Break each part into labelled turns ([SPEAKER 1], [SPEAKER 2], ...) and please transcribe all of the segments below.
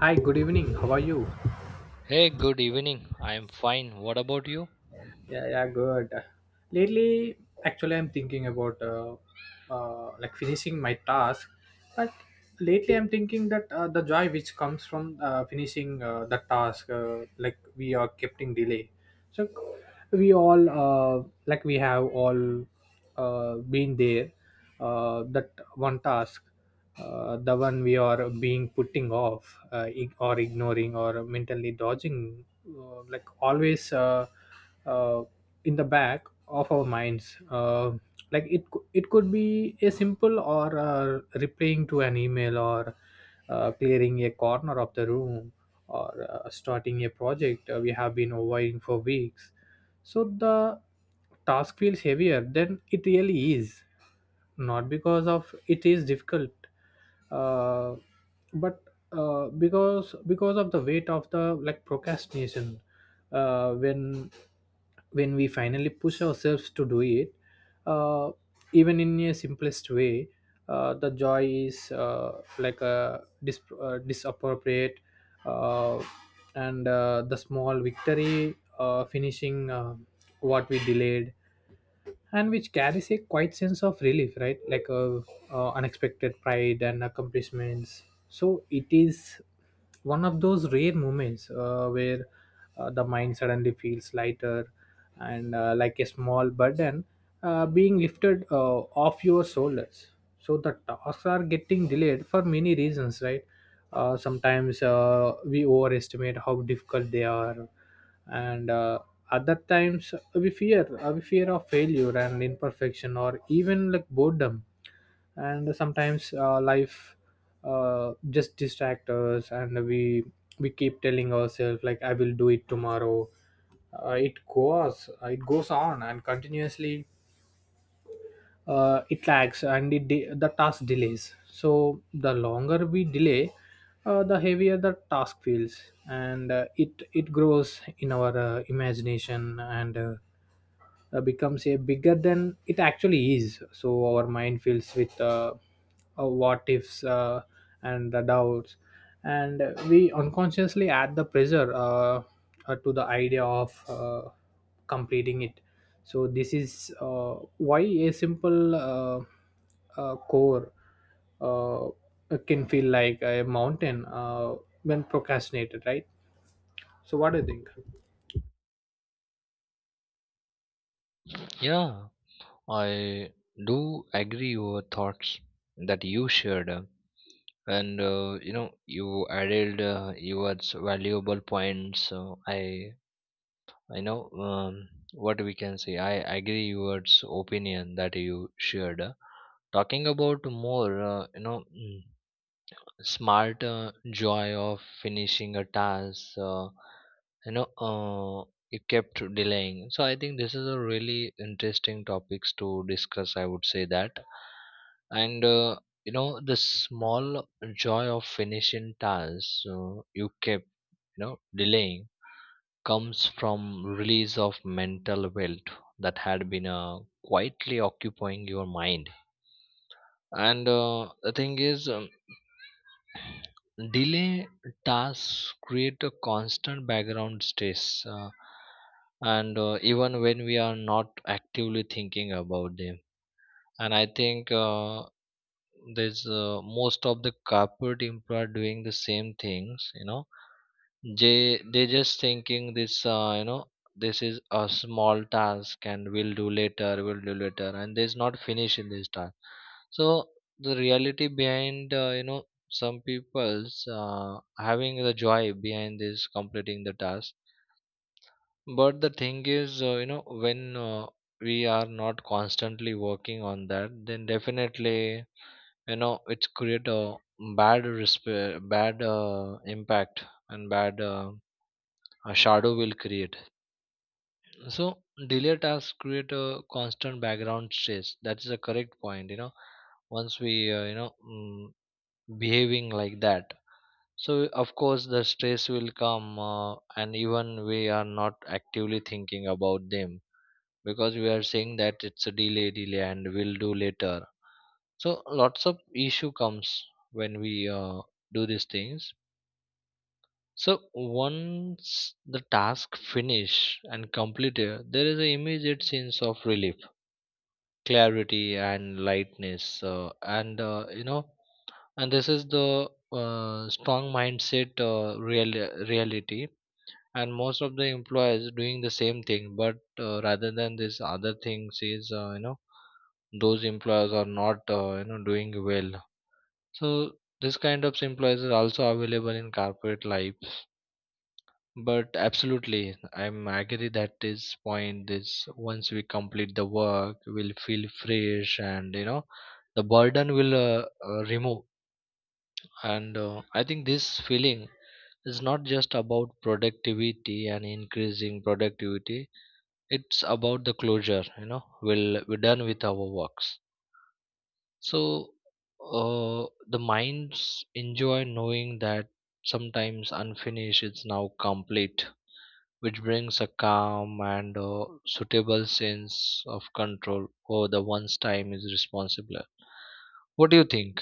[SPEAKER 1] Hi, good evening. How are you?
[SPEAKER 2] Hey, good evening. I am fine. What about you?
[SPEAKER 1] Yeah, yeah, good. Lately, actually, I'm thinking about like finishing my task, but lately I'm thinking that the joy which comes from finishing the task, like we are kept in delay. So we all like we have all been there that one task the one we are being putting off or ignoring or mentally dodging like always uh, in the back of our minds, like it could be a simple or replying to an email or clearing a corner of the room, or starting a project we have been avoiding for weeks. So the task feels heavier than it really is, not because of it is difficult, uh, but because of the weight of the like procrastination. Uh, when when we finally push ourselves to do it, uh, even in a simplest way, the joy is like a disappropriate, uh, and the small victory finishing what we delayed and which carries a quiet sense of relief, right? Unexpected pride and accomplishments. So it is one of those rare moments where the mind suddenly feels lighter and, like a small burden being lifted off your shoulders. So the tasks are getting delayed for many reasons, right? Sometimes we overestimate how difficult they are, and, other times we fear of failure and imperfection, or even like boredom. And sometimes life just distract us, and we keep telling ourselves like I will do it tomorrow. It goes on and continuously it lags and the task delays. So the longer we delay, the heavier the task feels, and it grows in our imagination, and becomes a bigger than it actually is. So our mind fills with what ifs, and the doubts, and we unconsciously add the pressure to the idea of completing it. So this is why a simple, core, uh, can feel like a mountain when procrastinated, right? So what do you think?
[SPEAKER 2] Yeah, I do agree your thoughts that you shared. And you know you added your valuable points, so I know, what we can say, I agree your opinion that you shared. Talking about more, you know, smart joy of finishing a task, you know, it kept delaying. So I think this is a really interesting topics to discuss, I would say that. And you know, the small joy of finishing tasks, you kept, you know, delaying, comes from release of mental wealth that had been quietly occupying your mind. And the thing is, delay tasks create a constant background stress, and even when we are not actively thinking about them. And I think, there's, most of the corporate employer doing the same things, you know, they just thinking this, you know, this is a small task and we'll do later, we'll do later, and there's not finish in this task. So the reality behind, you know, some people's having the joy behind this completing the task. But the thing is, you know, when we are not constantly working on that, then definitely, you know, it's create a bad impact and bad, a shadow will create. So delay tasks create a constant background stress. That is a correct point. You know, once we, you know, behaving like that, so of course the stress will come, and even we are not actively thinking about them, because we are saying that it's a delay, delay, and we'll do later. So lots of issue comes when we do these things. So once the task finish and completed, there is an immediate sense of relief, clarity, and lightness. And you know, and this is the strong mindset, real reality. And most of the employers doing the same thing, but rather than this other things is, you know, those employers are not, you know, doing well. So this kind of employers are also available in corporate life. But absolutely, I'm agree that this point is once we complete the work, we'll feel fresh and you know the burden will remove. And I think this feeling is not just about productivity and increasing productivity. It's about the closure. You know, we're done with our works. So the minds enjoy knowing that sometimes unfinished is now complete, which brings a calm and suitable sense of control over the one's time is responsible. What do you think?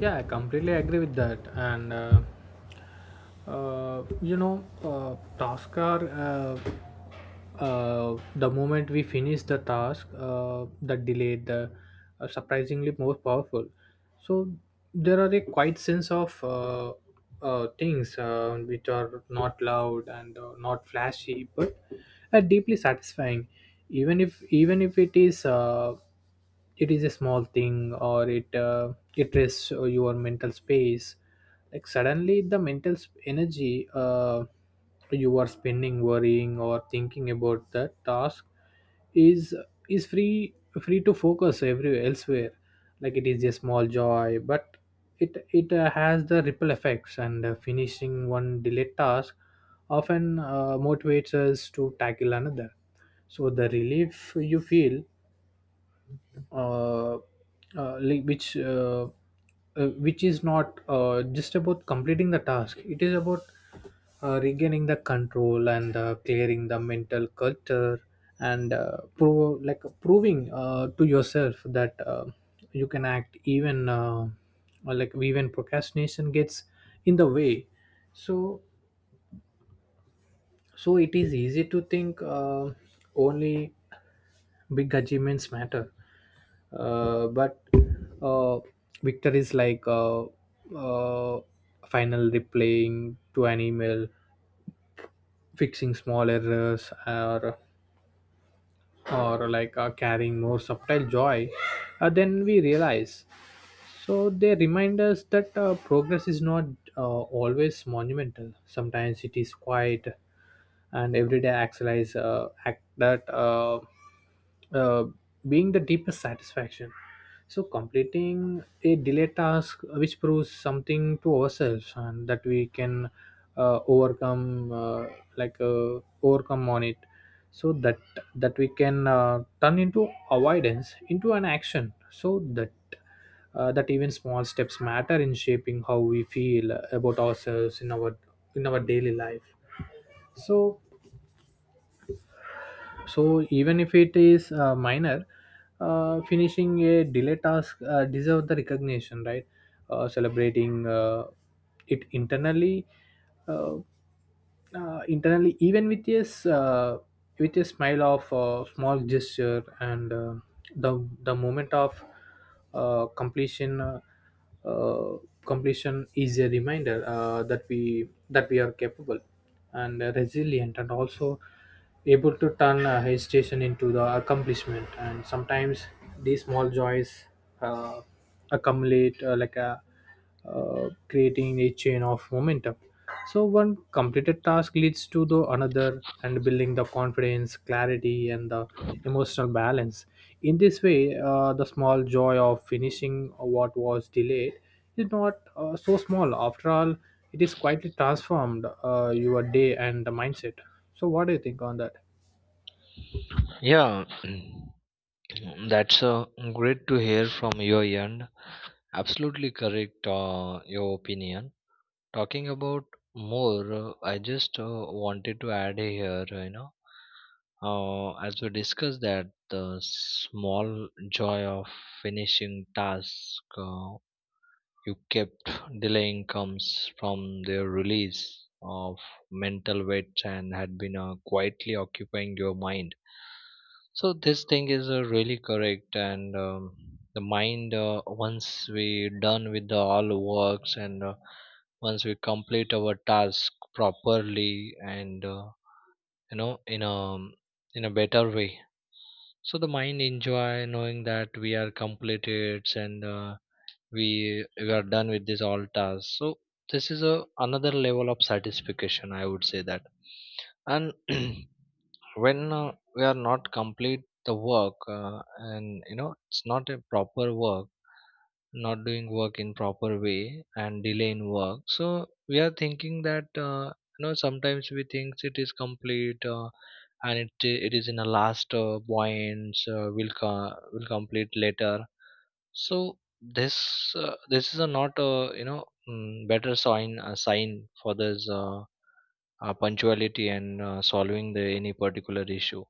[SPEAKER 1] Yeah, I completely agree with that, and you know, tasks are, the moment we finish the task the delay, the surprisingly more powerful. So there are a quite sense of things which are not loud and not flashy but are deeply satisfying. Even if it is it is a small thing, or it rests your mental space. Like suddenly the energy you are spending worrying or thinking about that task is is free to focus everywhere elsewhere. Like it is a small joy, but it has the ripple effects, and finishing one delayed task often motivates us to tackle another. So the relief you feel, uh, like which is not just about completing the task, it is about regaining the control, and clearing the mental culture, and prove like proving to yourself that you can act, even or like even procrastination gets in the way. So so it is easy to think only big achievements matter, but uh, victories like, uh, final, replying to an email, fixing small errors, or carrying more subtle joy then we realize. So they remind us that progress is not uh, always monumental. Sometimes it is quiet, and everyday acts, act that uh, being the deepest satisfaction. So completing a delayed task, which proves something to ourselves, and that we can uh, overcome, uh, overcome on it. So that we can turn into avoidance into an action, so that that even small steps matter in shaping how we feel about ourselves in our daily life. So so even if it is minor, finishing a delay task deserves the recognition, right? Celebrating it internally, uh, internally, even with with a smile of small gesture, and the moment of uh, completion uh, uh, completion is a reminder that we are capable and resilient, and also able to turn hesitation into the accomplishment. And sometimes these small joys uh, accumulate, like a creating a chain of momentum. So one completed task leads to the another, and building the confidence, clarity, and the emotional balance. In this way, the small joy of finishing what was delayed is not so small. After all, it is quietly transformed your day and the mindset. So what do you think on that?
[SPEAKER 2] Yeah, that's great to hear from your end. Absolutely correct, your opinion. Talking about more, I just wanted to add here, you know, as we discussed, that the small joy of finishing task, uh, you kept delaying, comes from their release of mental weight and had been quietly occupying your mind. So this thing is really correct. And the mind, once we done with the all works, and once we complete our task properly and you know, in a better way, so the mind enjoy knowing that we are completed, and we we are done with this all tasks. So this is a another level of satisfaction, I would say that. And when we are not complete the work, and you know it's not a proper work, not doing work in proper way and delay in work. So we are thinking that, you know, sometimes we think it is complete, and it is in a last points, will complete later. So this is a not a, you know, better sign, sign for this, punctuality and solving the any particular issue.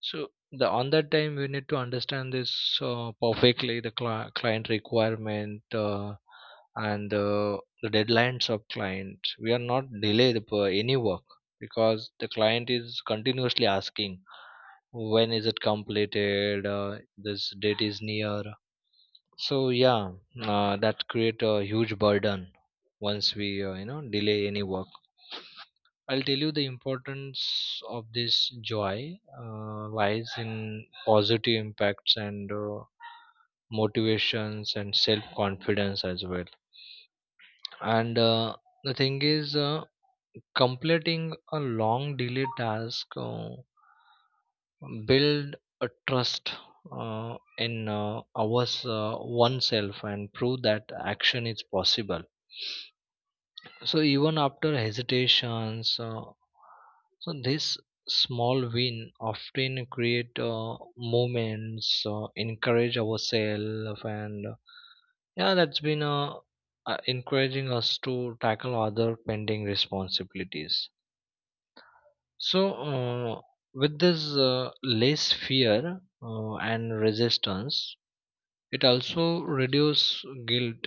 [SPEAKER 2] So the on that time we need to understand this perfectly, the client requirement, and the deadlines of client. We are not delay the any work, because the client is continuously asking, when is it completed, this date is near. So yeah, that create a huge burden once we, you know, delay any work. I'll tell you the importance of this joy lies in positive impacts and motivations and self confidence as well. And the thing is, completing a long delayed task build a trust uh, in ours, oneself, and prove that action is possible, so even after hesitations. So this small win often create moments, encourage ourselves, and yeah, that's been encouraging us to tackle other pending responsibilities. So, with this less fear and resistance, it also reduces guilt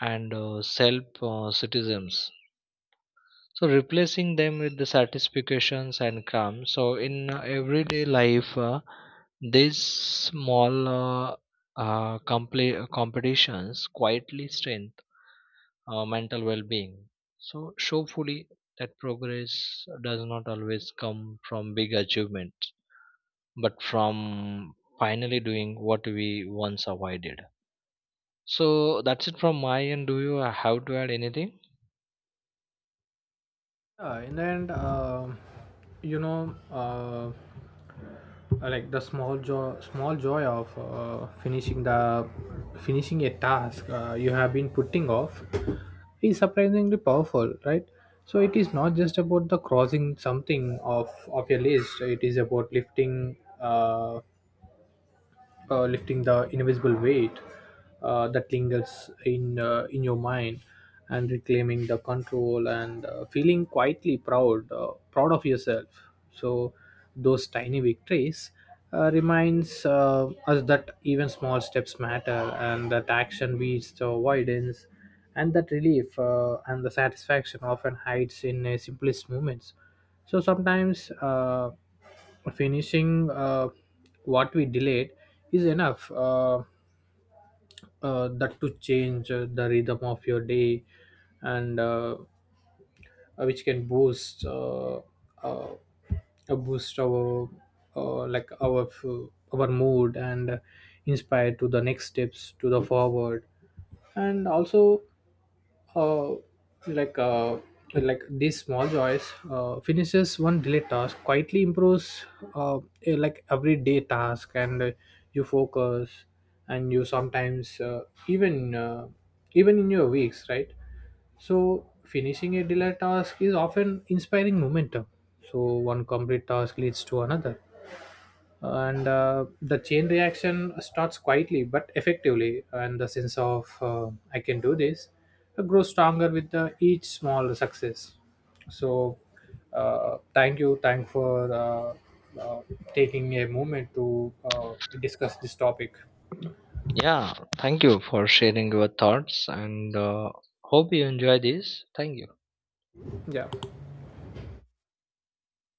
[SPEAKER 2] and self criticisms. So, replacing them with the satisfactions and calm. So, in everyday life, these small, competitions quietly strengthen mental well-being. So, show fully that progress does not always come from big achievements, but from finally doing what we once avoided. So that's it from my end. Do you have to add anything?
[SPEAKER 1] Yeah, in the end, you know. Like the small joy of finishing the finishing a task you have been putting off is surprisingly powerful, right? So it is not just about the crossing something off of your list, it is about lifting, lifting the invisible weight that lingers in your mind, and reclaiming the control, and feeling quietly proud of yourself. So those tiny victories reminds us that even small steps matter, and that action beats the avoidance, and that relief and the satisfaction often hides in simplest moments. So sometimes finishing what we delayed is enough, that to change the rhythm of your day, and which can boost, uh, boost our, uh, like our f- our mood, and inspire to the next steps to the forward. And also, uh, like uh, like these small joys finishes one delay task, quietly improves uh, like everyday task, and you focus, and you sometimes even uh, even in your weeks, right? So finishing a delay task is often inspiring momentum. So one complete task leads to another, and the chain reaction starts quietly but effectively, and the sense of I can do this grows stronger with each small success. So thank you, thank for uh, taking a moment to discuss this topic.
[SPEAKER 2] Yeah, thank you for sharing your thoughts, and hope you enjoy this. Thank you.
[SPEAKER 1] Yeah.